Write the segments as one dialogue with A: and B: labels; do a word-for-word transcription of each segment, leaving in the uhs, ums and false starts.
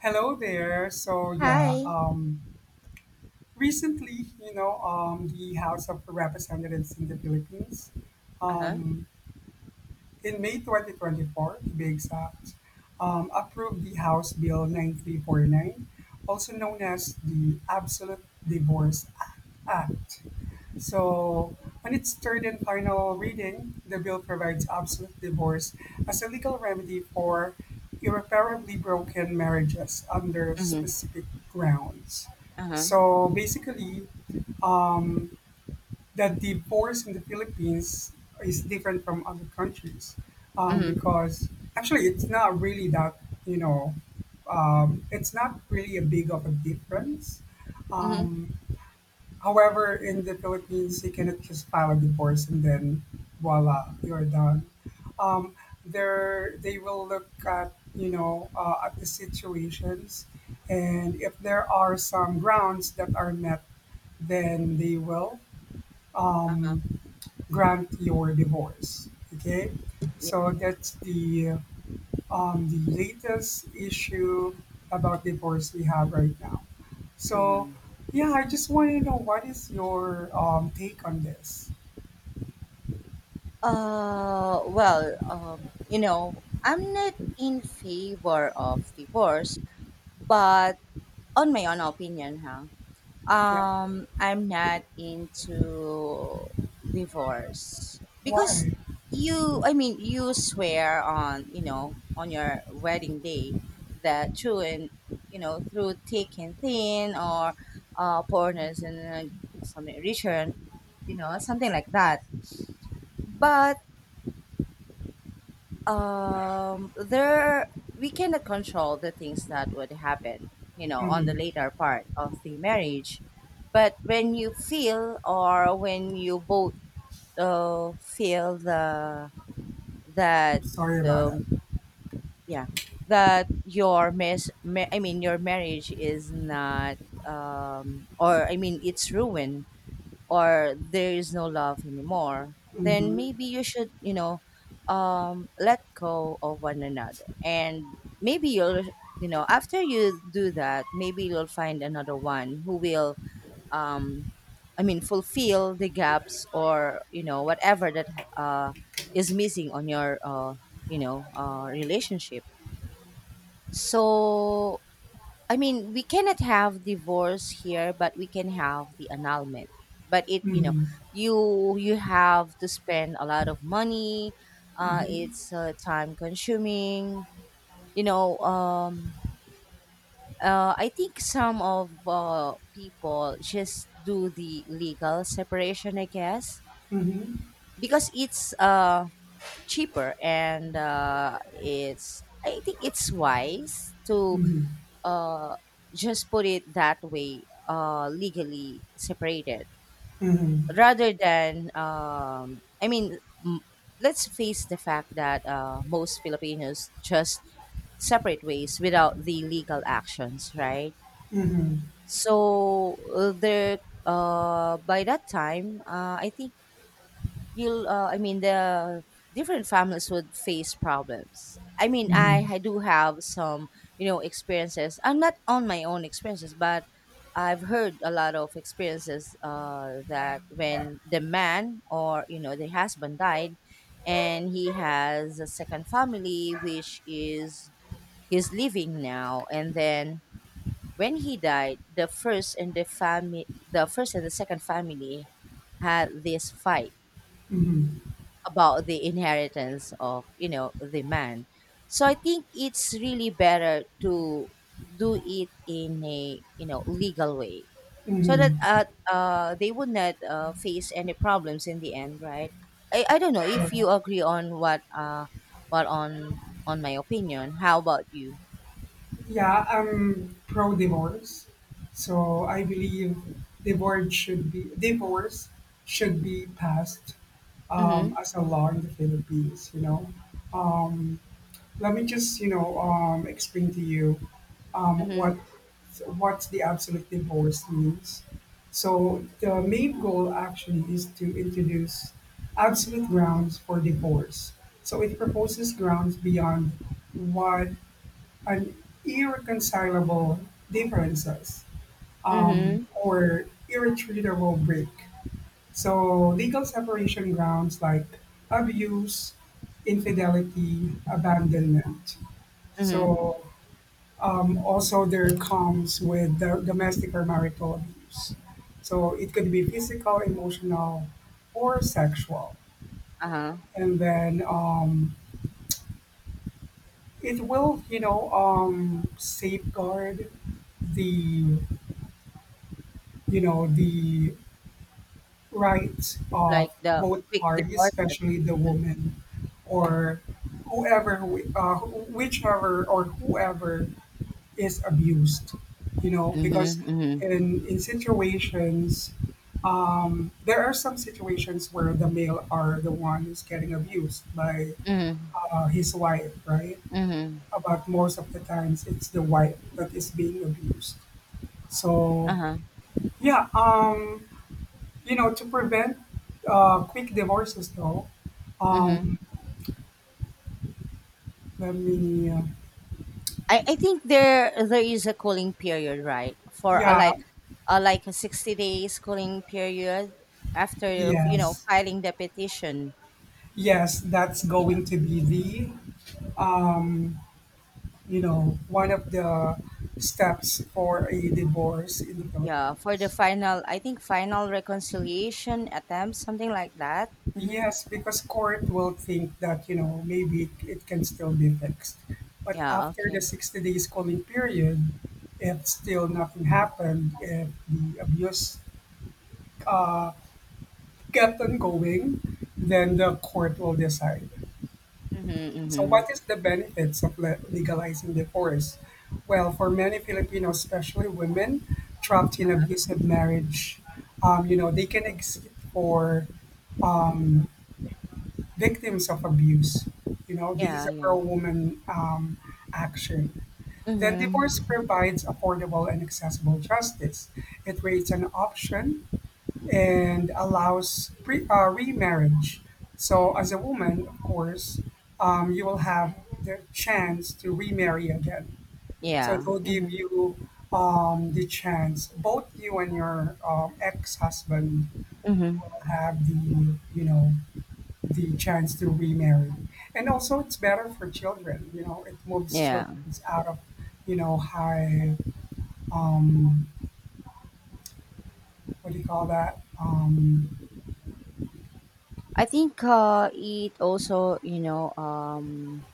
A: Hello there. So yeah,
B: Hi.
A: um, recently, you know, um, the House of Representatives in the Philippines,
B: Uh-huh.
A: um, in May twenty twenty-four, to be exact, um, approved the House Bill nine three four nine, also known as the Absolute Divorce Act. So, on its third and final reading, the bill provides absolute divorce as a legal remedy for irreparably broken marriages under
B: Mhm.
A: specific grounds.
B: Uh-huh.
A: So, basically, um, the divorce in the Philippines is different from other countries, um,
B: Mhm.
A: because actually it's not really that, you know, um, it's not really a big of a difference.
B: Mhm.
A: Um, However, in the Philippines, you cannot just file a divorce and then voila, you're done. Um, there, they will look at, you know uh, at the situations, and if there are some grounds that are met, then they will,
B: Uh-huh.
A: um, grant your divorce. Okay,
B: Yeah.
A: so that's the um, the latest issue about divorce we have right now. So,
B: Mhm.
A: yeah, I just want to know what is your um, take on this?
B: Uh, well, um, you know, I'm not in favor of divorce, but on my own opinion, huh?
A: Yeah,
B: um I'm not into divorce because
A: why?
B: you I mean you swear on, you know, on your wedding day that through and, you know, through thick and thin or uh poorness and uh, something return, you know, something like that, but um there, we cannot control the things that would happen, you know, on
A: Mm-hmm.
B: the later part of the marriage. But when you feel or when you both uh, feel the that
A: Sorry about
B: um
A: that.
B: yeah that your mess ma- I mean your marriage is not, um or I mean it's ruined, or there is no love anymore, then
A: Mm-hmm.
B: maybe you should, you know, um, let go of one another. And maybe you'll, you know, after you do that, maybe you'll find another one who will, um, I mean, fulfill the gaps or, you know, whatever that uh, is missing on your, uh, you know, uh, relationship. So I mean, we cannot have divorce here, but we can have the annulment. But it, you know,
A: Mm-hmm.
B: you you have to spend a lot of money. Uh,
A: Mm-hmm.
B: it's uh, time consuming. You know, um, uh, I think some of uh, people just do the legal separation, I guess,
A: Mm-hmm.
B: because it's uh, cheaper and uh, it's. I think it's wise to uh, just put it that way, uh, legally separated,
A: Mm-hmm.
B: rather than, um, I mean, m- let's face the fact that uh, most Filipinos just separate ways without the legal actions, right?
A: Mm-hmm. Mm-hmm.
B: So uh, there, uh, by that time, uh, I think you'll uh, I mean the different families would face problems. I mean,
A: Mm-hmm.
B: i
A: Mm-hmm.
B: i do have some, you know, experiences. I'm not on my own experiences, but I've heard a lot of experiences, uh, that when the man, or you know, the husband died, and he has a second family which is he's living now. And then when he died, the first and the family the first and the second family had this fight about the inheritance of, you know, the man. So I think it's really better to do it in a, you know, legal way, so that
A: Mm-hmm.
B: uh, uh they would not uh, face any problems in the end, right? I, I don't know if you
A: Mm-hmm.
B: agree on what uh what on on my opinion. How about you?
A: Yeah, I'm pro divorce. So I believe divorce should be divorce should be passed um,
B: Mm-hmm.
A: as a law in the Philippines. You know, um, let me just you know um, explain to you um,
B: Mm-hmm.
A: what what the absolute divorce means. So the main goal actually is to introduce absolute grounds for divorce. So it proposes grounds beyond what an irreconcilable differences, um,
B: Mm-hmm.
A: or irretrievable break. So legal separation grounds like abuse, infidelity, abandonment.
B: Mm-hmm.
A: So, um, also there comes with the domestic or marital abuse. So it could be physical, emotional, or sexual.
B: Uh-huh.
A: And then, um, it will you know, um, safeguard the you know the rights of
B: Like the
A: both
B: quick
A: parties,
B: divorces.
A: especially the woman, or whoever, who- uh, who- whichever or whoever is abused. You know,
B: Mm-hmm.
A: because
B: Mm-hmm.
A: in in situations, um, there are some situations where the male are the one who's getting abused by,
B: Mm-hmm.
A: uh, his wife, right?
B: Mm-hmm. Mm-hmm.
A: About most of the times, it's the wife that is being abused. So
B: Uh-huh.
A: yeah, um, You know, to prevent, uh, quick divorces, though,
B: Mm-hmm.
A: let me, uh,
B: I, I think there there is a cooling period, right? For a
A: yeah,
B: like a like a sixty days cooling period after, you know,
A: yes,
B: filing the petition.
A: yes, that's
B: Yeah.
A: going to be the, um, you know, one of the steps for a divorce in the Philippines.
B: Yeah. For the final, I think, final reconciliation attempt, something like that. Mm-hmm.
A: Yes, because court will think that, you know, maybe it can still be fixed. But
B: Yeah,
A: after the
B: okay.
A: sixty days cooling period, if still nothing happened, if the abuse uh, kept on going, then the court will decide.
B: Mm-hmm.
A: So
B: Mm-hmm.
A: what is the benefits of le- legalizing divorce? Well, for many Filipinos, especially women trapped in
B: Uh-huh.
A: abusive marriage, um, you know, they can exist for victims of abuse. You know, this is
B: Yeah,
A: a
B: yeah.
A: pro-woman um, action. Then divorce
B: Mm-hmm.
A: provides affordable and accessible justice. It creates an option and allows pre, uh, remarriage. So, as a woman, of course, um, you will have the chance to remarry again. So,
B: Yeah.
A: it will give
B: Mm-hmm.
A: you um, the chance, both you and your um, ex husband
B: Mm-hmm.
A: will have the, you know, the chance to remarry. And also, it's better for children. You know, it moves children
B: Yeah.
A: out of, you know, high, um, what do you call that? Um,
B: I think uh it also, you know, um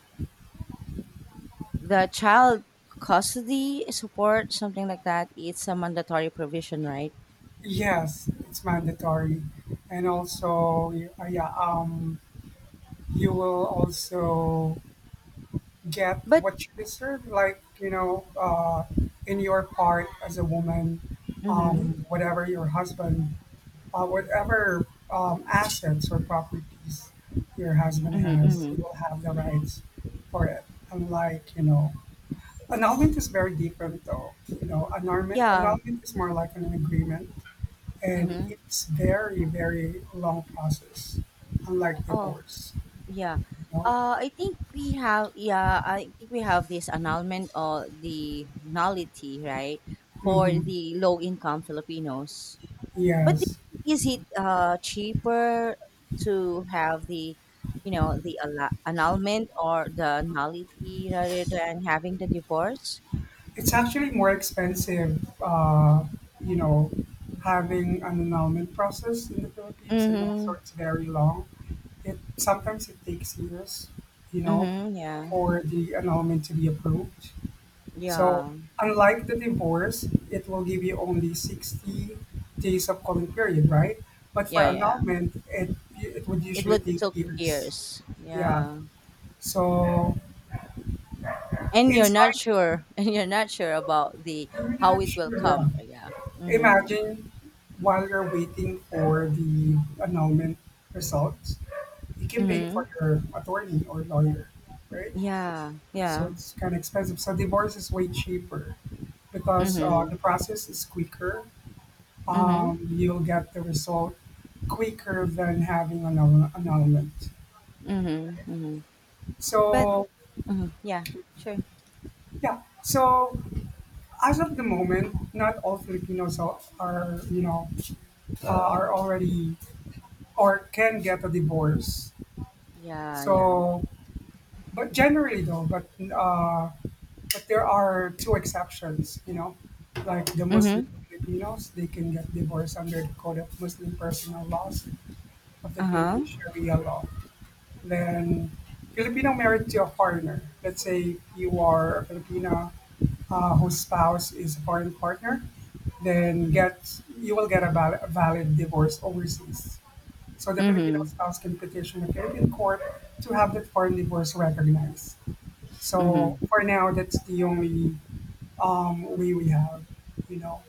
B: the child custody support, something like that, it's a mandatory provision, right?
A: Yes, it's mandatory, and also, y- uh, yeah, um, you will also get
B: But
A: what you deserve. Like you know, uh, in your part as a woman,
B: mm-hmm,
A: um, whatever your husband, uh, whatever um, assets or properties your husband
B: mm-hmm,
A: has, you
B: mm-hmm,
A: will have the rights for it. Unlike, you know, annulment is very different, though. You know, annulment
B: yeah,
A: annulment is more like an agreement, and
B: mm-hmm.
A: it's very, very long process, unlike
B: Oh,
A: divorce.
B: yeah.
A: you know
B: Uh, I think we have, yeah, I think we have this annulment or the nullity, right, for
A: hmm
B: the low income Filipinos. But the-
A: yes,
B: is it uh cheaper to have the, you know, the alla- annulment or the nullity rather than having the divorce?
A: it's actually more expensive. uh you know Having an annulment process in the Philippines, and also
B: Mhm,
A: it's very long. It sometimes it takes years, you know
B: mhm, yeah.
A: for the annulment to be approved. So,
B: Yeah,
A: unlike the divorce, it will give you only sixty days of cooling period, right? But for
B: yeah, yeah.
A: annulment, it it would
B: It
A: usually
B: would
A: take
B: took
A: years.
B: years.
A: Yeah.
B: Yeah.
A: So
B: And you're
A: it's
B: not
A: like,
B: sure and you're not sure about the
A: I'm
B: how
A: not
B: it will
A: sure. Yeah.
B: come. Yeah. Mhm.
A: Imagine while you're waiting for the annulment results, you keep paying for
B: Mhm.
A: your attorney or lawyer, right?
B: Yeah,
A: So
B: yeah.
A: it's kind of expensive. So divorce is way cheaper because uh,
B: Mhm.
A: the process is quicker, um,
B: Mhm.
A: you'll get the result quicker than having an annull- annulment.
B: Mhm. Mhm. But
A: So
B: mhm, yeah, sure.
A: yeah, so as of the moment, not all Filipinos are are, you know uh, are already, or can get a divorce.
B: Yeah, yeah.
A: So, but generally though, but uh, but there are two exceptions. You know, like the Muslim
B: Mhm.
A: Filipinos, they can get divorced under the Code of Muslim Personal Laws of the
B: Uh-huh.
A: Philippine Sharia law. Then Filipino married to a foreigner. Let's say you are a Filipina uh, whose spouse is a foreign partner, then get you will get a valid valid divorce overseas. So the Filipino
B: Mhm.
A: spouse can petition the Philippine court to have that foreign divorce recognized. So
B: Mhm.
A: for now, that's the only um, way we have, you know.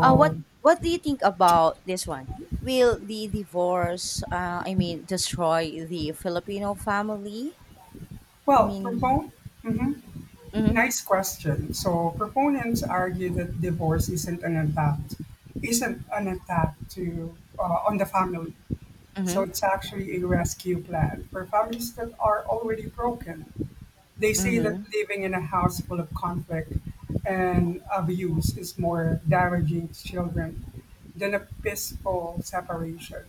B: Uh what what do you think about this one? Will the divorce, uh, I mean, destroy the Filipino family? I
A: well, for
B: mean,
A: promote.
B: mhm,
A: Nice question. So proponents argue that divorce isn't an attack, isn't an attack to uh, on the family. So
B: mhm,
A: it's actually a rescue plan for families that are already broken. They say that
B: mhm,
A: living in a house full of conflict and abuse is more damaging to children than a peaceful separation.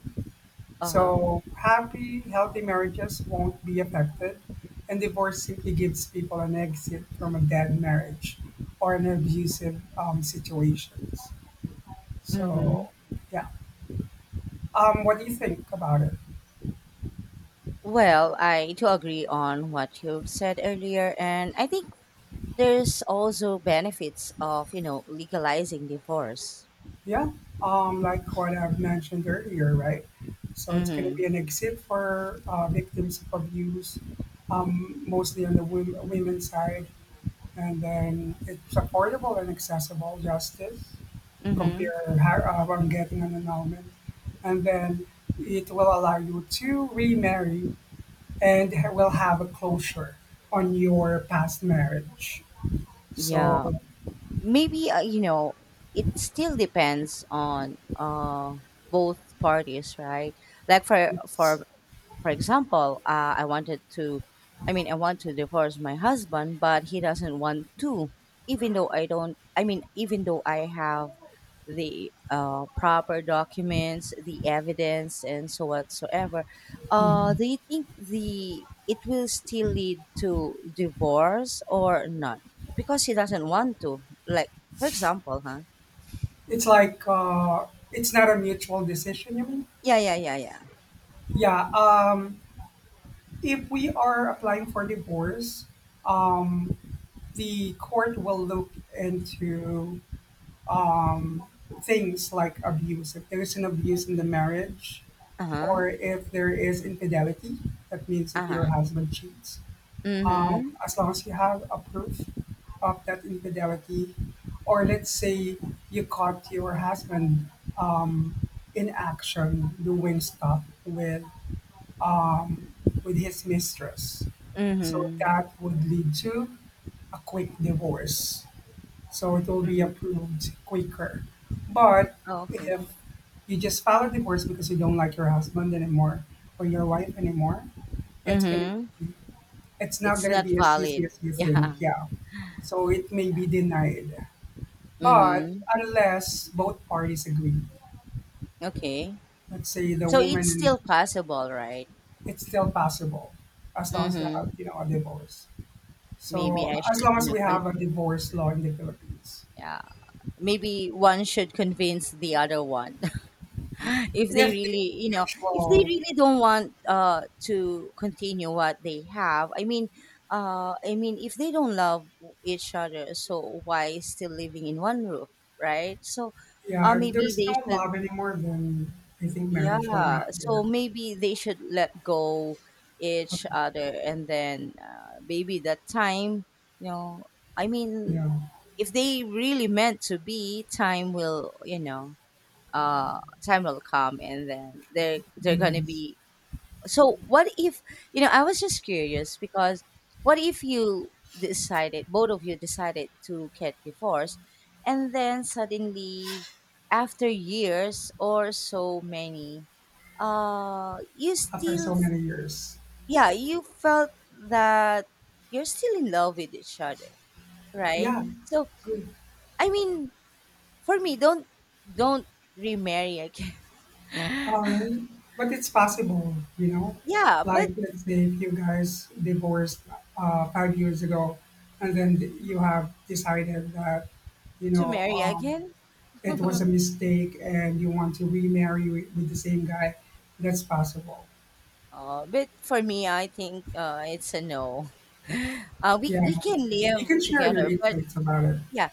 B: uh-huh,
A: So happy, healthy marriages won't be affected, and divorce simply gives people an exit from a dead marriage or an abusive um, situations.
B: mhm.
A: So yeah, um, what do you think about it?
B: Well, I do agree on what you've said earlier, and I think there's also benefits of, you know, legalizing divorce.
A: Yeah, um, like what I've mentioned earlier, right? So it's going to
B: Mhm,
A: be an exit for uh, victims of abuse, um, mostly on the wom- women's side, and then it's affordable and accessible justice,
B: mhm.
A: compare how, how I getting an annulment, and then it will allow you to remarry and ha- will have a closure on your past marriage.
B: Yeah,
A: So
B: maybe uh, you know, it still depends on uh both parties, right? Like for
A: it's
B: for For example, uh, I wanted to, I mean, I want to divorce my husband, but he doesn't want to, even though I don't, I mean, even though I have the uh, proper documents, the evidence, and so whatsoever. Uh,
A: mhm.
B: do you think the it will still lead to divorce or not? Because he doesn't want to. Like, for example, huh?
A: it's like, uh, it's not a mutual decision. You mean?
B: Yeah, yeah, yeah, yeah.
A: Yeah. Um, if we are applying for divorce, um, the court will look into um, things like abuse. If there is an abuse in the marriage,
B: Uh huh.
A: or if there is infidelity, that means
B: Uh
A: if your
B: huh.
A: husband cheats,
B: Mm
A: um,
B: hmm.
A: as long as you have a proof of that infidelity, or let's say you caught your husband um, in action doing stuff with um, with his mistress,
B: Mm
A: so
B: hmm.
A: that would lead to a quick divorce, so it will
B: Mm
A: be
B: hmm.
A: approved quicker. But
B: Oh, okay.
A: if you just file a divorce because you don't like your husband anymore or your wife anymore,
B: Mm
A: it's gonna
B: hmm.
A: it's not
B: It's
A: gonna
B: not
A: be as easy
B: valid.
A: as you think.
B: Yeah.
A: Yeah, so it may be denied, but
B: Mhm.
A: unless both parties agree,
B: Okay.
A: let's say the
B: So it's
A: woman,
B: still possible, right?
A: it's still possible as long as you
B: Mhm.
A: have you know a divorce.
B: Maybe
A: So
B: I
A: as
B: should,
A: long
B: you
A: as
B: know,
A: we
B: con-
A: have a divorce law in the Philippines,
B: yeah. Maybe one should convince the other one if they
A: if the
B: really, you know, if they
A: mutual.
B: really don't want uh to continue what they have. I mean, uh I mean, if they don't love each other, so why still living in one roof, right? So uh
A: Yeah, if
B: maybe
A: there's
B: they
A: no
B: should,
A: love anymore, then I think marriage will
B: yeah,
A: not work.
B: so maybe they should let go
A: Okay.
B: each other and then, uh, maybe that time, you know, I mean,
A: Yeah.
B: if they really meant to be, time will, you know, uh time will come and then they they're going to
A: Yes.
B: be. So what if, you know, I was just curious because what if you decided, both of you decided to get divorced, and then suddenly after years or so many, uh you
A: After
B: still,
A: so many years.
B: yeah, you felt that you're still in love with each other, right?
A: Yeah.
B: So
A: Good.
B: I mean, for me, don't don't remarry again.
A: Alright. But it's possible, you know?
B: Yeah, but
A: Like, let's say if you guys divorced uh, five years ago, and then you have decided that, you
B: to
A: know,
B: marry
A: um,
B: again.
A: it was a mistake and you want to remarry with, with the same guy, that's possible.
B: Uh, but for me, I think uh, it's a no. Uh, we
A: Yeah.
B: we can
A: You
B: live
A: can share your
B: together, but
A: insights about it.
B: yeah,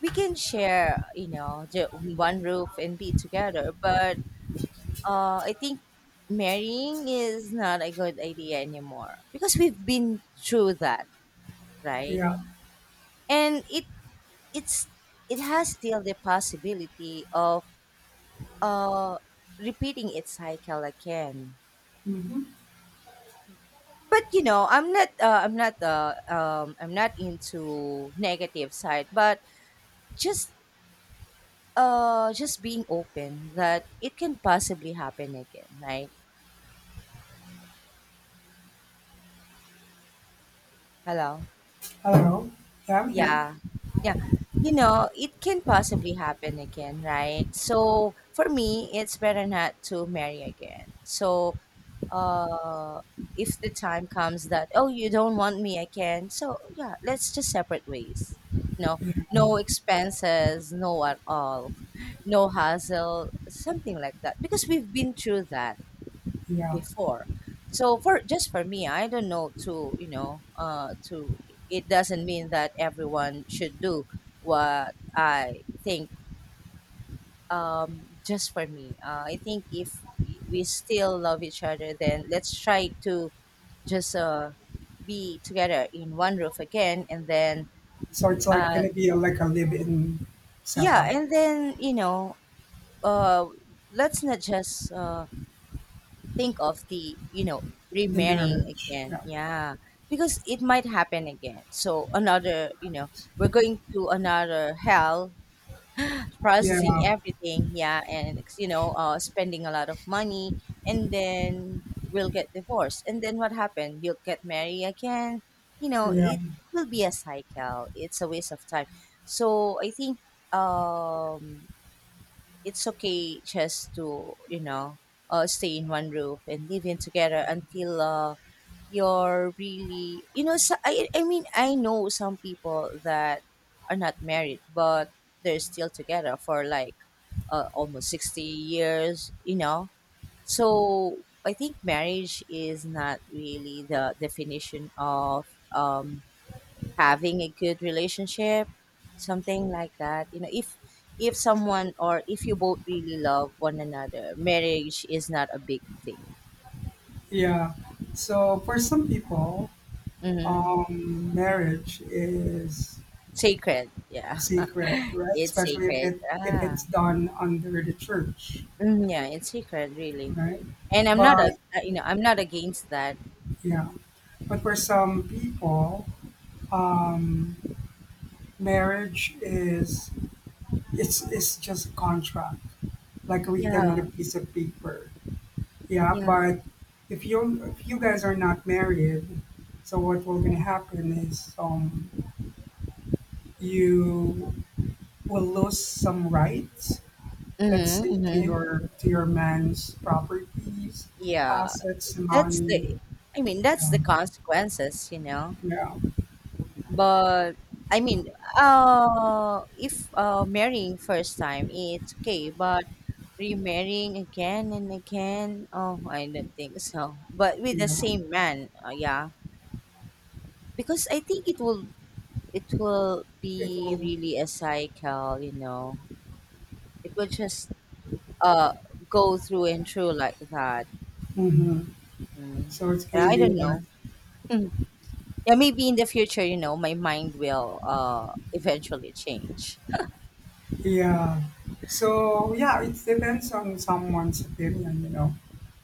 B: we can share, you know, the one roof and be together. But uh, I think marrying is not a good idea anymore because we've been through that, right?
A: Yeah.
B: And it it's it has still the possibility of uh repeating its cycle again.
A: Hmm.
B: But you know, i'm not uh, i'm not uh, um I'm not into negative side, but just uh just being open that it can possibly happen again, right? Hello.
A: Hello. Yeah, I'm here.
B: Yeah, yeah, you know it can possibly happen again, right? So for me, it's better not to marry again. So uh if the time comes that, oh, you don't want me again, so yeah, let's just separate ways. No,
A: Yeah.
B: no expenses, no at all, no hassle, something like that. Because we've been through that
A: Yeah.
B: before. So for just for me, I don't know to, you know, uh to it doesn't mean that everyone should do what I think. Um, just for me. Uh, I think if we still love each other, then let's try to just uh be together in one roof again and then
A: So it's like
B: uh
A: gonna be a, like a live-in
B: yeah.
A: setup,
B: And then you know, uh let's not just uh think of the, you know,
A: in
B: remarrying
A: marriage. Yeah.
B: again, yeah. Because it might happen again, so another, you know, we're going to another hell
A: Yeah.
B: processing everything, yeah. And you know, uh, spending a lot of money, and then we'll get divorced and then what happened, you'll get married again. You know,
A: Yeah.
B: it, it will be a cycle, it's a waste of time. So I think, um it's okay just to, you know, uh, stay in one roof and live in together until, uh, you're really, you know. So, I, I mean, I know some people that are not married, but they're still together for like uh, almost sixty years, you know. So I think marriage is not really the definition of, um, having a good relationship, something like that. You know, if if someone, or if you both really love one another, marriage is not a big thing.
A: Yeah. So for some people,
B: Hmm.
A: um, marriage is
B: Sacred, yeah,
A: secret, right?
B: it's
A: Especially if
B: sacred.
A: it if
B: Ah,
A: it's done under the church,
B: mhm, yeah, it's sacred, really.
A: right?
B: And I'm not a,
A: But
B: uh, you know, I'm not against that.
A: yeah. But for some people, um, marriage is It's it's just a contract, like written
B: Yeah,
A: on a piece of paper. Yeah,
B: yeah.
A: but if you if you guys are not married, so what will gonna happen is um you will lose some rights. Let's
B: Hmm,
A: say to
B: hmm.
A: your to your man's properties,
B: Yeah,
A: assets,
B: that's the.
A: money.
B: I mean, that's
A: Yeah,
B: the consequences, you know.
A: yeah,
B: But I mean, uh, if uh, marrying first time, it's okay. But remarrying again and again, oh, I don't think so. But with the
A: yeah.
B: same man, uh, yeah, because I think it will, it will
A: It
B: be
A: will.
B: really a cycle, you know. It will just uh go through and through like that.
A: Hmm.
B: Mm.
A: So it's
B: And
A: gonna
B: I
A: be
B: don't
A: like.
B: know. Mm. Yeah, maybe in the future, you know, my mind will uh eventually change.
A: Yeah. So yeah, it depends on someone's opinion, you know.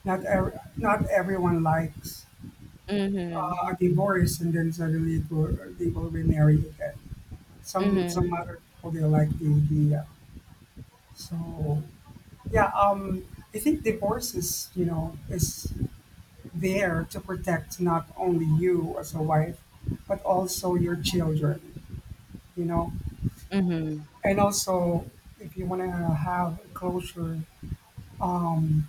A: Not every, not everyone likes
B: Mm-hmm.
A: uh, a divorce, and then suddenly it will, they will remarry again. Some some
B: Mm-hmm.
A: other people they like the idea. So yeah, um, I think divorce is you know is there to protect not only you as a wife, but also your children. You know,
B: Mhm,
A: and also if you want to have closure, um.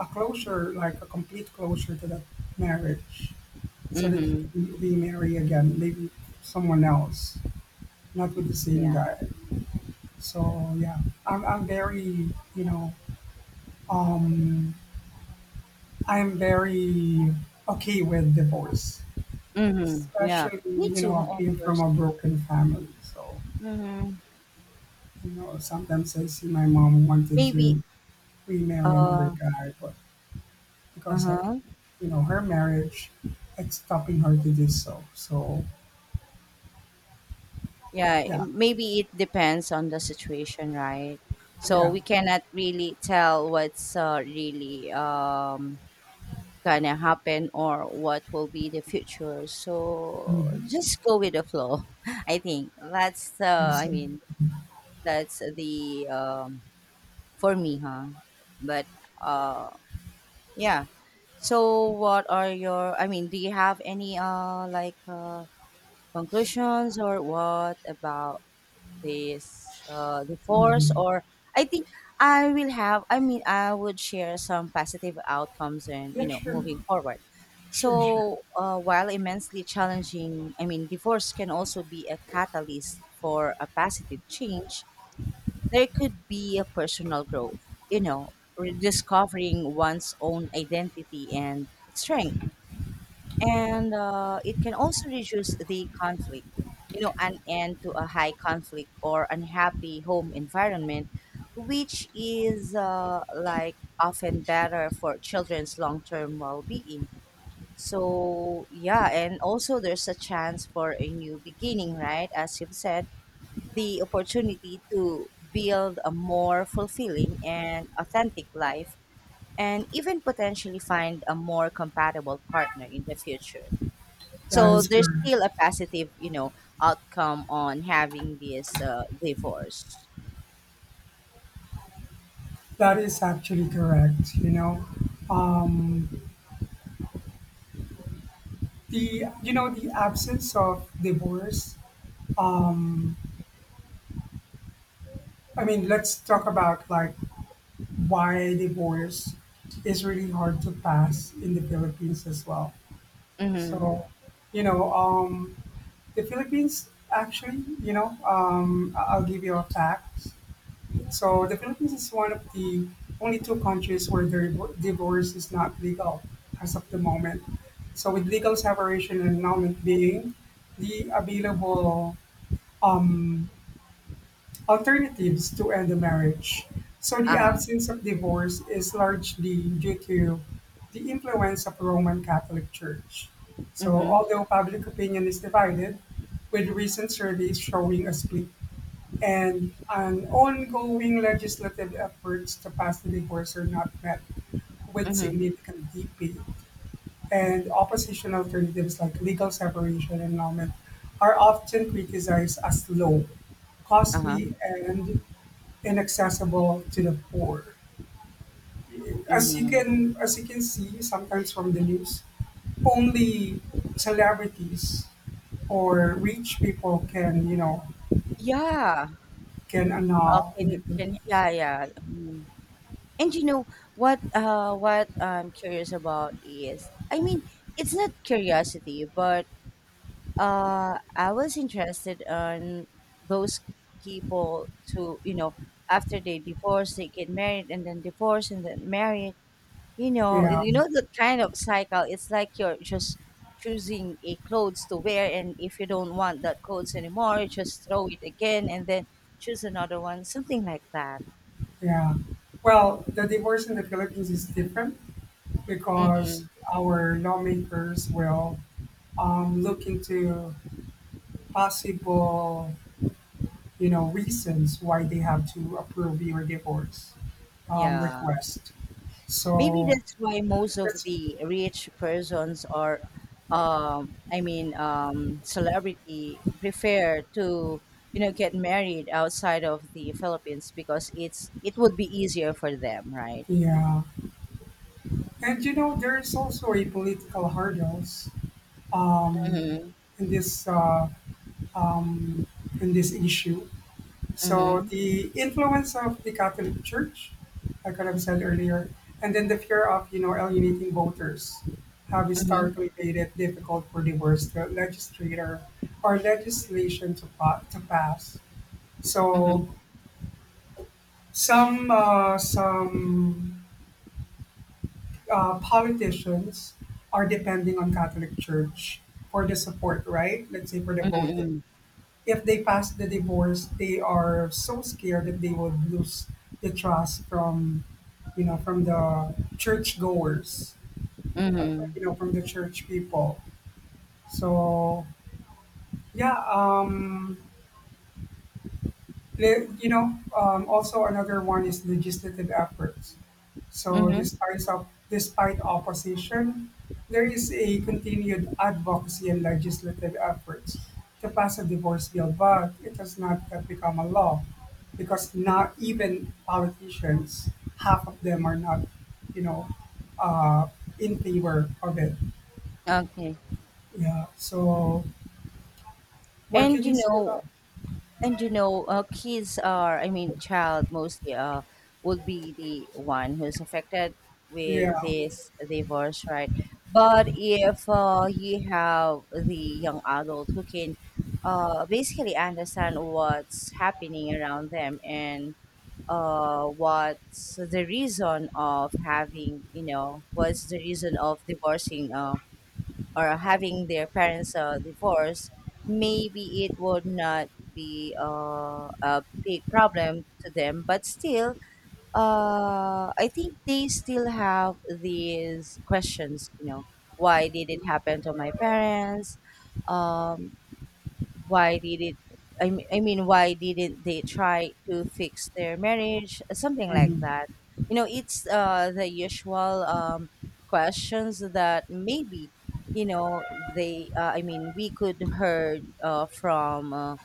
A: a closure, like a complete closure to that marriage, so that you
B: mhm.
A: can remarry again, maybe someone else, not with the same
B: Yeah.
A: guy. So yeah, I'm, I'm very, you know, um, I'm very okay with divorce,
B: Mhm, yeah.
A: especially,
B: Me
A: you know,
B: too,
A: I
B: of
A: came from
B: course.
A: a broken family. So,
B: Mhm.
A: you know, sometimes I see my mom wanted
B: Maybe
A: to remarry another
B: uh,
A: guy, but because of,
B: uh-huh.
A: you know, her marriage, it's stopping her to do so. So
B: Yeah, i-
A: yeah,
B: maybe it depends on the situation, right? So
A: yeah.
B: we cannot really tell what's uh, really um gonna happen or what will be the future. So
A: Mm-hmm.
B: just go with the flow. I think that's uh, I
A: Exactly.
B: mean, that's the um for me, huh? But uh yeah. So, what are your? I mean, do you have any uh like uh conclusions or what about this uh divorce? Or I think I will have. I mean, I would share some positive outcomes and you
A: Yeah,
B: know
A: sure,
B: moving forward.
A: sure, sure.
B: So, uh, while immensely challenging, I mean, divorce can also be a catalyst for a positive change. There could be a personal growth. You know, rediscovering one's own identity and strength, and uh, it can also reduce the conflict, you know, an end to a high conflict or unhappy home environment, which is uh, like often better for children's long-term well-being. So yeah, and also there's a chance for a new beginning, right? As you've said, the opportunity to build a more fulfilling and authentic life, and even potentially find a more compatible partner in the future.
A: That
B: So
A: is
B: there's
A: correct.
B: still a positive, you know, outcome on having this uh, divorce.
A: That is actually correct. You know, um, the you know the absence of divorce. Um, I mean, let's talk about like why divorce is really hard to pass in the Philippines as well.
B: Mm-hmm.
A: So, you know, um, the Philippines actually, you know, um, I- I'll give you a fact. So the Philippines is one of the only two countries where the div- divorce is not legal as of the moment. So with legal separation and annulment being the available um, alternatives to end the marriage. So the
B: Uh-huh.
A: absence of divorce is largely due to the influence of Roman Catholic Church. So
B: Mm-hmm.
A: although public opinion is divided, with recent surveys showing a split and an ongoing legislative efforts to pass the divorce are not met with
B: Mm-hmm.
A: significant debate, and opposition alternatives like legal separation and annulment are often criticized as low,
B: Uh-huh.
A: costly, and inaccessible to the poor. As you
B: Mm-hmm.
A: can as you can see sometimes from the news, only celebrities or rich people can you know
B: Yeah.
A: can
B: Uh,
A: annul in the
B: can can
A: Philippines.
B: yeah yeah. Mhm. And you know what? Uh, what I'm curious about is, I mean, it's not curiosity, but uh, I was interested on those people to, you know, after they divorce, they get married, and then divorce, and then married. You know,
A: Yeah,
B: you know the kind of cycle. It's like you're just choosing a clothes to wear, and if you don't want that clothes anymore, you just throw it again, and then choose another one, something like that.
A: yeah. Well, the divorce in the Philippines is different because
B: Mm-hmm.
A: our lawmakers will um, look into possible, you know, reasons why they have to approve your divorce um,
B: Yeah,
A: request.
B: maybe
A: So
B: that's why most of
A: that's
B: the rich persons, or, um, I mean, um, celebrity prefer to, you know, get married outside of the Philippines, because it's it would be easier for them, right?
A: yeah. And you know, there is also a political hurdles um,
B: Mm-hmm.
A: in this uh, um, in this issue. So
B: Mm-hmm.
A: the influence of the Catholic Church, like what I've said earlier, and then the fear of you know alienating voters have
B: Mm-hmm.
A: historically made it difficult for the worst legislator or legislation to, pa- to pass. So some uh, some uh, politicians are depending on Catholic Church for the support, right? Let's say for the vote
B: Mm,
A: if they pass the divorce, they are so scared that they would lose the trust from, you know, from the churchgoers, uh,
B: mhm,
A: you know, from the church people. So yeah, um, Le- You know, um, also another one is legislative efforts. So
B: mhm.
A: despite of despite opposition, there is a continued advocacy and legislative efforts to pass a divorce bill, but it has not yet become a law because not even politicians, half of them are not, you know, uh, in favor of it.
B: Okay.
A: Yeah. So what
B: And
A: can you
B: you
A: say about?
B: know, and you know, uh, kids are, I mean, child mostly uh, would be the one who's affected with
A: Yeah.
B: this divorce, right? But if uh, you have the young adult who can uh, basically understand what's happening around them, and uh, what's the reason of having, you know, what's the reason of divorcing uh, or having their parents uh, divorce, maybe it would not be uh, a big problem to them. But still, uh, I think they still have these questions. You know, why did it happen to my parents? Um, why did it, I mean, I mean why didn't they try to fix their marriage, something like
A: Mm-hmm.
B: that? You know, it's uh the usual, um questions that, maybe, you know, they uh, i mean we could heard, uh, from uh,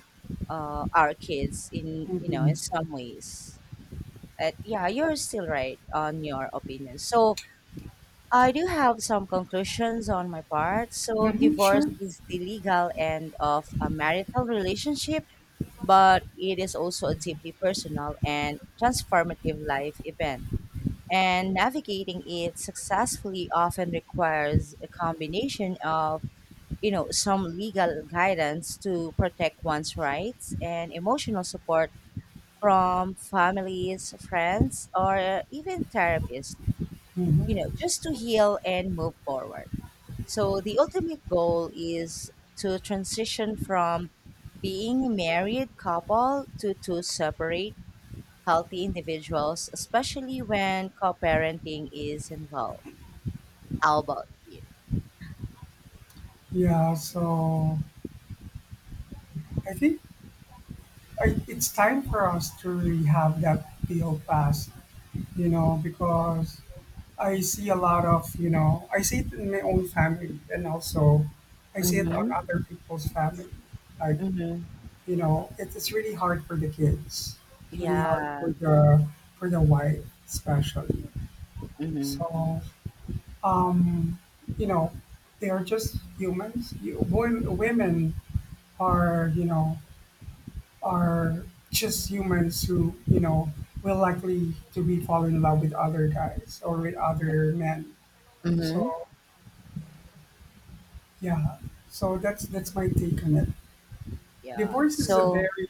B: uh, our kids in, you know,
A: Mm-hmm.
B: in some ways. But yeah, you're still right on your opinion. So I do have some conclusions on my part. So,
A: Mm-hmm.
B: divorce
A: Sure.
B: is the legal end of a marital relationship, but it is also a deeply personal and transformative life event. And navigating it successfully often requires a combination of, you know, some legal guidance to protect one's rights, and emotional support from families, friends, or even therapists, you know,
A: Mm-hmm.
B: just to heal and move forward. So the ultimate goal is to transition from being a married couple to two separate, healthy individuals, especially when co-parenting is involved. How about you?
A: Yeah, so I think I, it's time for us to really have that P O pass, you know, because I see a lot of, you know, I see it in my own family and also I see it on
B: Mm-hmm.
A: other people's family. Like,
B: Mm-hmm.
A: you know, it, it's really hard for the kids. It's really hard for
B: Yeah.
A: the For the wife especially.
B: Mm-hmm.
A: So, um, you know, they are just humans. You, women, women are, you know, are just humans who you know will likely to be fall in love with other guys or with other men
B: Mm-hmm.
A: so yeah so that's that's my take on it.
B: Yeah.
A: Divorce is a
B: So,
A: very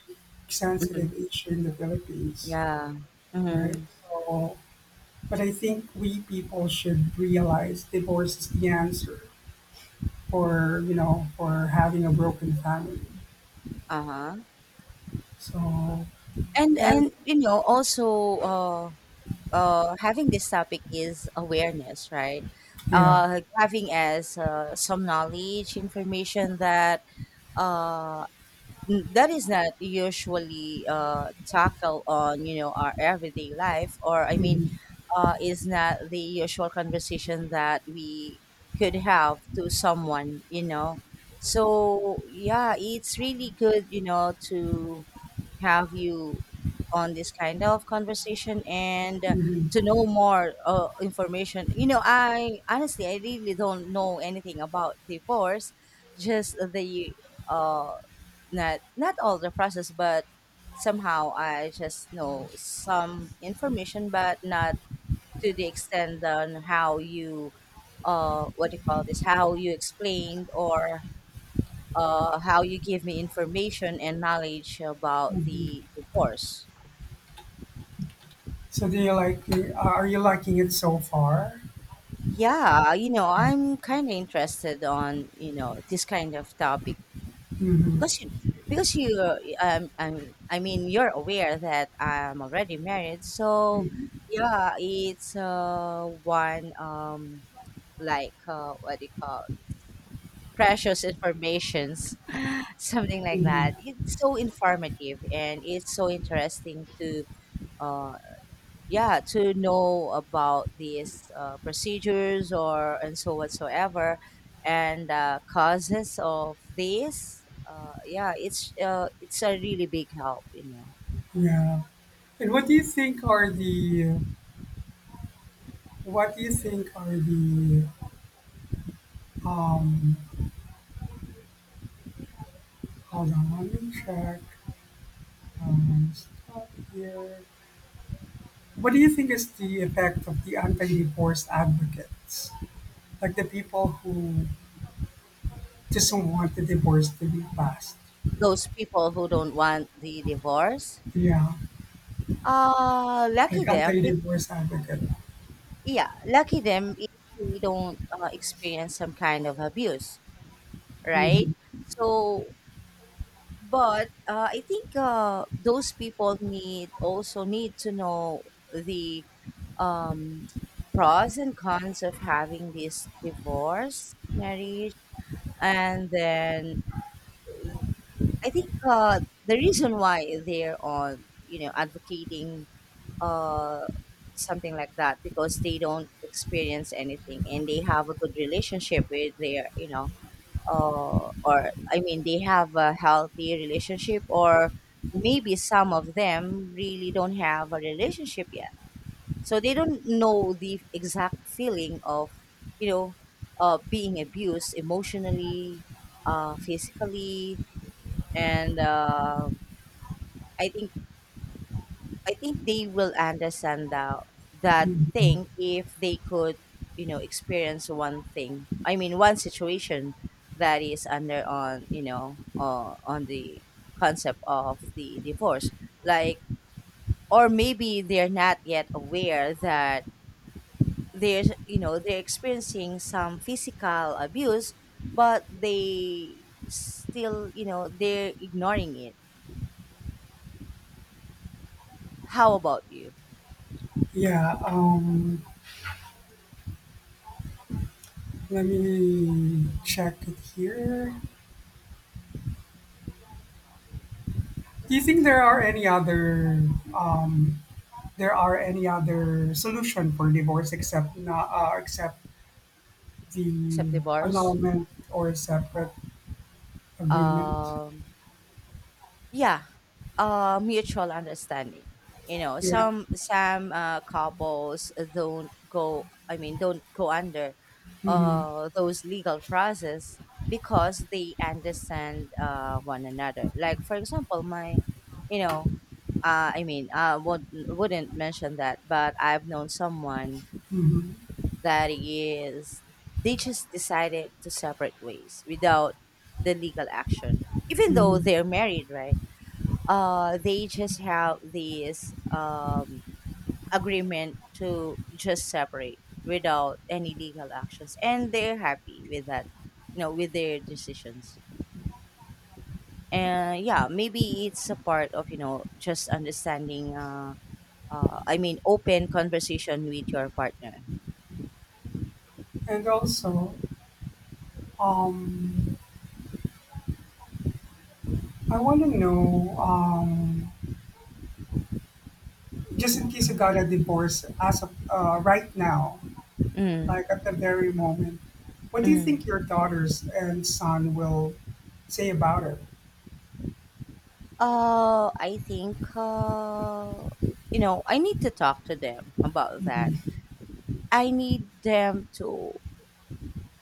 B: mhm,
A: sensitive issue in the Philippines,
B: yeah. Mm-hmm.
A: right? So but I think we people should realize divorce is the answer for you know for having a broken family
B: Uh-huh.
A: so
B: And
A: and
B: and you know also uh uh, having this topic is awareness, right?
A: yeah.
B: Uh, having as, uh, some knowledge, information that uh, n- that is not usually uh, tackle on, you know, our everyday life. Or I mean,
A: Hmm.
B: uh, is not the usual conversation that we could have to someone, you know. So yeah, it's really good, you know, to have you on this kind of conversation, and uh, to
A: Hmm.
B: know more uh, information. You know, I honestly, I really don't know anything about divorce, just the, uh, not not all the process, but somehow I just know some information, but not to the extent on how you, uh what you call this, how you explained, or uh how you give me information and knowledge about the divorce.
A: So do you like it? Are you liking it so far?
B: Yeah, you know,
A: Yeah.
B: I'm kind of interested on, you know, this kind of topic.
A: Mhm.
B: Because you because you uh, um I'm, I mean you're aware that I'm already married. So, yeah, it's uh one, um like, uh, what do you call, precious informations, something like
A: Mhm.
B: that. It's so informative and it's so interesting to, um yeah, to know about these uh, procedures, or and so whatsoever, and uh, causes of this, uh, yeah, it's uh, it's a really big help, you know.
A: Yeah. And what do you think are the what do you think are the um hold on, let me check. Um stop here. What do you think is the effect of the anti-divorce advocates? Like the people who just don't want the divorce to be passed.
B: Those people who don't want the divorce,
A: Yeah.
B: uh lucky
A: Like
B: them bec-
A: anti-divorce advocate.
B: yeah, lucky them if they don't uh, experience some kind of abuse, right?
A: Mhm.
B: So. But uh, I think uh, those people need also need to know the, um, pros and cons of having this divorce marriage, and then I think, uh, the reason why they're on, you know, advocating, uh, something like that, because they don't experience anything and they have a good relationship with their, you know, uh, or I mean, they have a healthy relationship, or maybe some of them really don't have a relationship yet. So they don't know the exact feeling of, you know, uh, being abused emotionally, uh, physically, and uh, I think, I think they will understand that that
A: Mhm.
B: thing if they could, you know, experience one thing. I mean, one situation that is under on, you know, uh, on the concept of the divorce, like, or maybe they're not yet aware that there's, you know, they're experiencing some physical abuse, but they still, you know, they're ignoring it. How about you?
A: Yeah. Um Let me check it here. Do you think there are any other um, there are any other solution for divorce except na, uh, except
B: Accept
A: the
B: divorce?
A: annulment or separate agreement?
B: Um. Yeah, uh mutual understanding, you know.
A: Yeah.
B: Some some uh, couples don't go, i mean don't go under
A: Hmm.
B: uh those legal process, because they understand uh one another. Like, for example, my, you know, uh i mean i would, wouldn't mention that, but I've known someone
A: Hmm.
B: that is, they just decided to separate ways without the legal action even though
A: Hmm.
B: they're married, right? uh, they just have this, um, agreement to just separate without any legal actions, and they're happy with that, you know, with their decisions. And yeah, maybe it's a part of, you know, just understanding, uh, uh i mean open conversation with your partner.
A: And also, um, I want to know um, just in case you got a divorce as of uh, right now.
B: Mm,
A: Like at the very moment. What do you think
B: mm.
A: your daughters and son will say about it?
B: uh I think, uh you know, I need to talk to them about that.
A: Mhm,
B: I need them to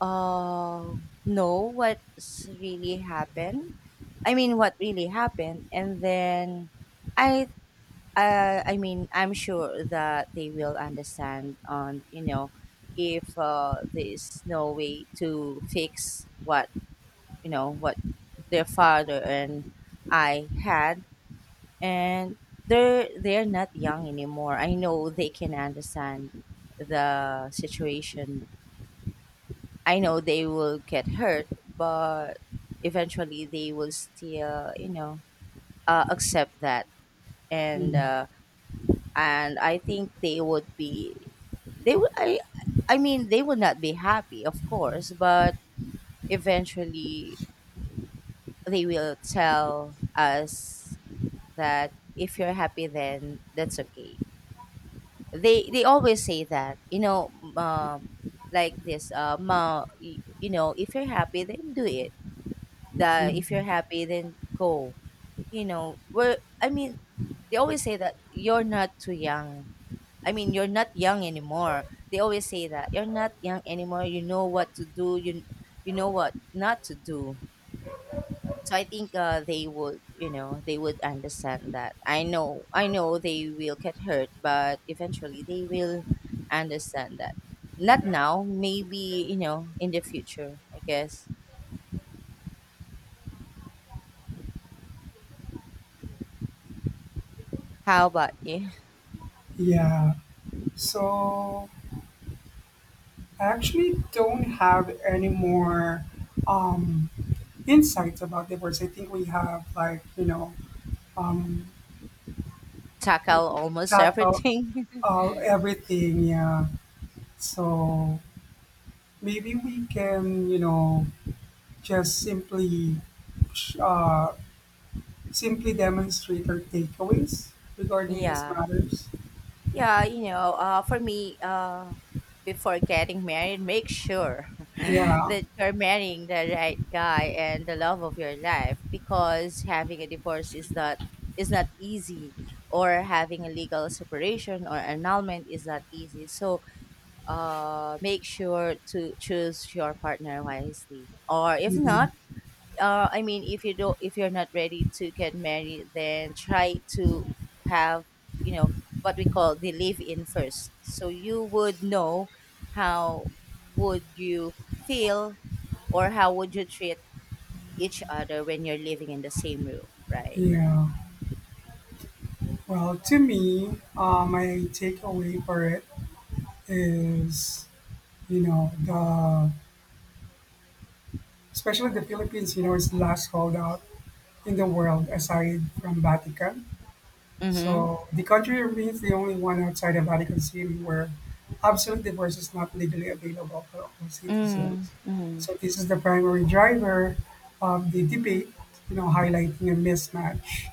B: uh, know what's really happened. I mean, what really happened. And then I, uh, I mean, I'm sure that they will understand on, you know, if uh, there is no way to fix what, you know, what their father and I had. And they're they're not young anymore. I know they can understand the situation. I know they will get hurt, but eventually they will still, you know, uh, accept that. And
A: mm,
B: uh, and I think they would be, they would I I mean, they would not be happy, of course, but eventually they will tell us that if you're happy, then that's okay. They they always say that, you know, um, like this, uh, ma, y- you know, if you're happy, then do it, that if
A: mm.
B: you're happy, then go. You know, we're i mean they always say that you're not too young, I mean, you're not young anymore. They always say that you're not young anymore, you know what to do, you you know what not to do. So I think, uh, they would, you know, they would understand that. I know, I know they will get hurt, but eventually they will understand that. Not now, maybe, you know, in the future, I guess. How about you?
A: Yeah. So I actually don't have any more um, insights about divorce. I think we have like you know um,
B: Tackle almost
A: tackled
B: everything.
A: uh, everything. Yeah. So maybe we can you know just simply uh, simply demonstrate our takeaways regarding these
B: Yeah.
A: matters?
B: Yeah, you know, uh, for me, uh, before getting married, make sure
A: Yeah.
B: that you're marrying the right guy and the love of your life, because having a divorce is not, is not easy, or having a legal separation or annulment is not easy. So, uh, make sure to choose your partner wisely. Or if
A: Mhm.
B: not, uh, I mean, if you don't, if you're not ready to get married, then try to have, you know, what we call the live-in first, so you would know how would you feel, or how would you treat each other when you're living in the same room, right?
A: Yeah. Well, to me, uh, my takeaway for it is, you know, the especially the Philippines, you know, is the last holdout in the world aside from Vatican.
B: Mm-hmm.
A: So the country remains the only one outside the Vatican City where absolute divorce is not legally available for all citizens.
B: Mm-hmm.
A: So this is the primary driver of the debate, you know, highlighting a mismatch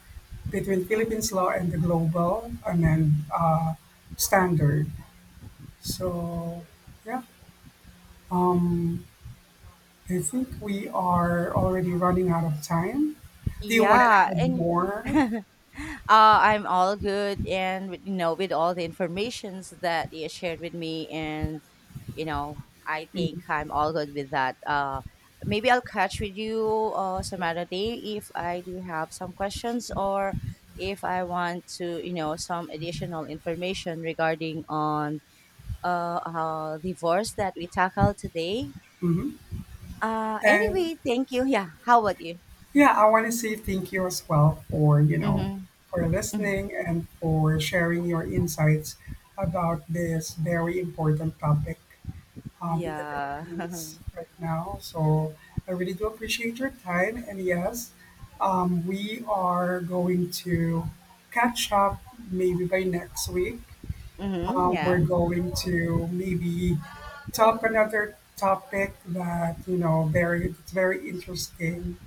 A: between Philippines law and the global I mean, uh, standard. So yeah, um, I think we are already running out of time. Do you want to
B: Yeah,
A: add
B: and
A: more?
B: uh, I'm all good, and with-, you know, with all the informations that you shared with me, and you know, I think
A: Mhm,
B: I'm all good with that. Uh, maybe I'll catch with you uh, some other day if I do have some questions, or if I want to, you know, some additional information regarding on, uh, uh divorce that we tackled today.
A: mhm.
B: Uh,
A: And
B: anyway, thank you. Yeah, how about you?
A: yeah, I want to say thank you as well for, you know,
B: Mm-hmm.
A: for
B: Mm-hmm.
A: listening and for sharing your insights about this very important topic um, in the
B: Yeah.
A: Philippines right now. So I really do appreciate your time. And yes, um, we are going to catch up maybe by next week.
B: Mm-hmm.
A: Um, we're
B: Yeah.
A: going to maybe talk another topic that you know very it's very interesting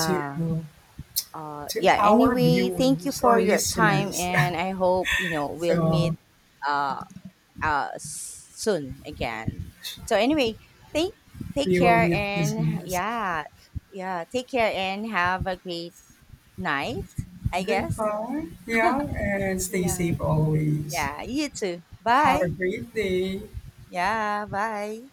A: to
B: Uh,
A: to
B: yeah.
A: our
B: Anyway, thank you
A: viewers
B: for
A: or
B: your time,
A: listeners.
B: and I hope you know we'll
A: So
B: meet, uh, uh soon again. So anyway, take take
A: we will
B: care,
A: meet
B: and
A: listeners.
B: yeah, yeah, take care, and have a great night. I guess.
A: Goodbye. Yeah, and stay
B: Yeah.
A: safe always.
B: Yeah. You too.
A: Have a
B: Bye.
A: great day.
B: Yeah. Bye.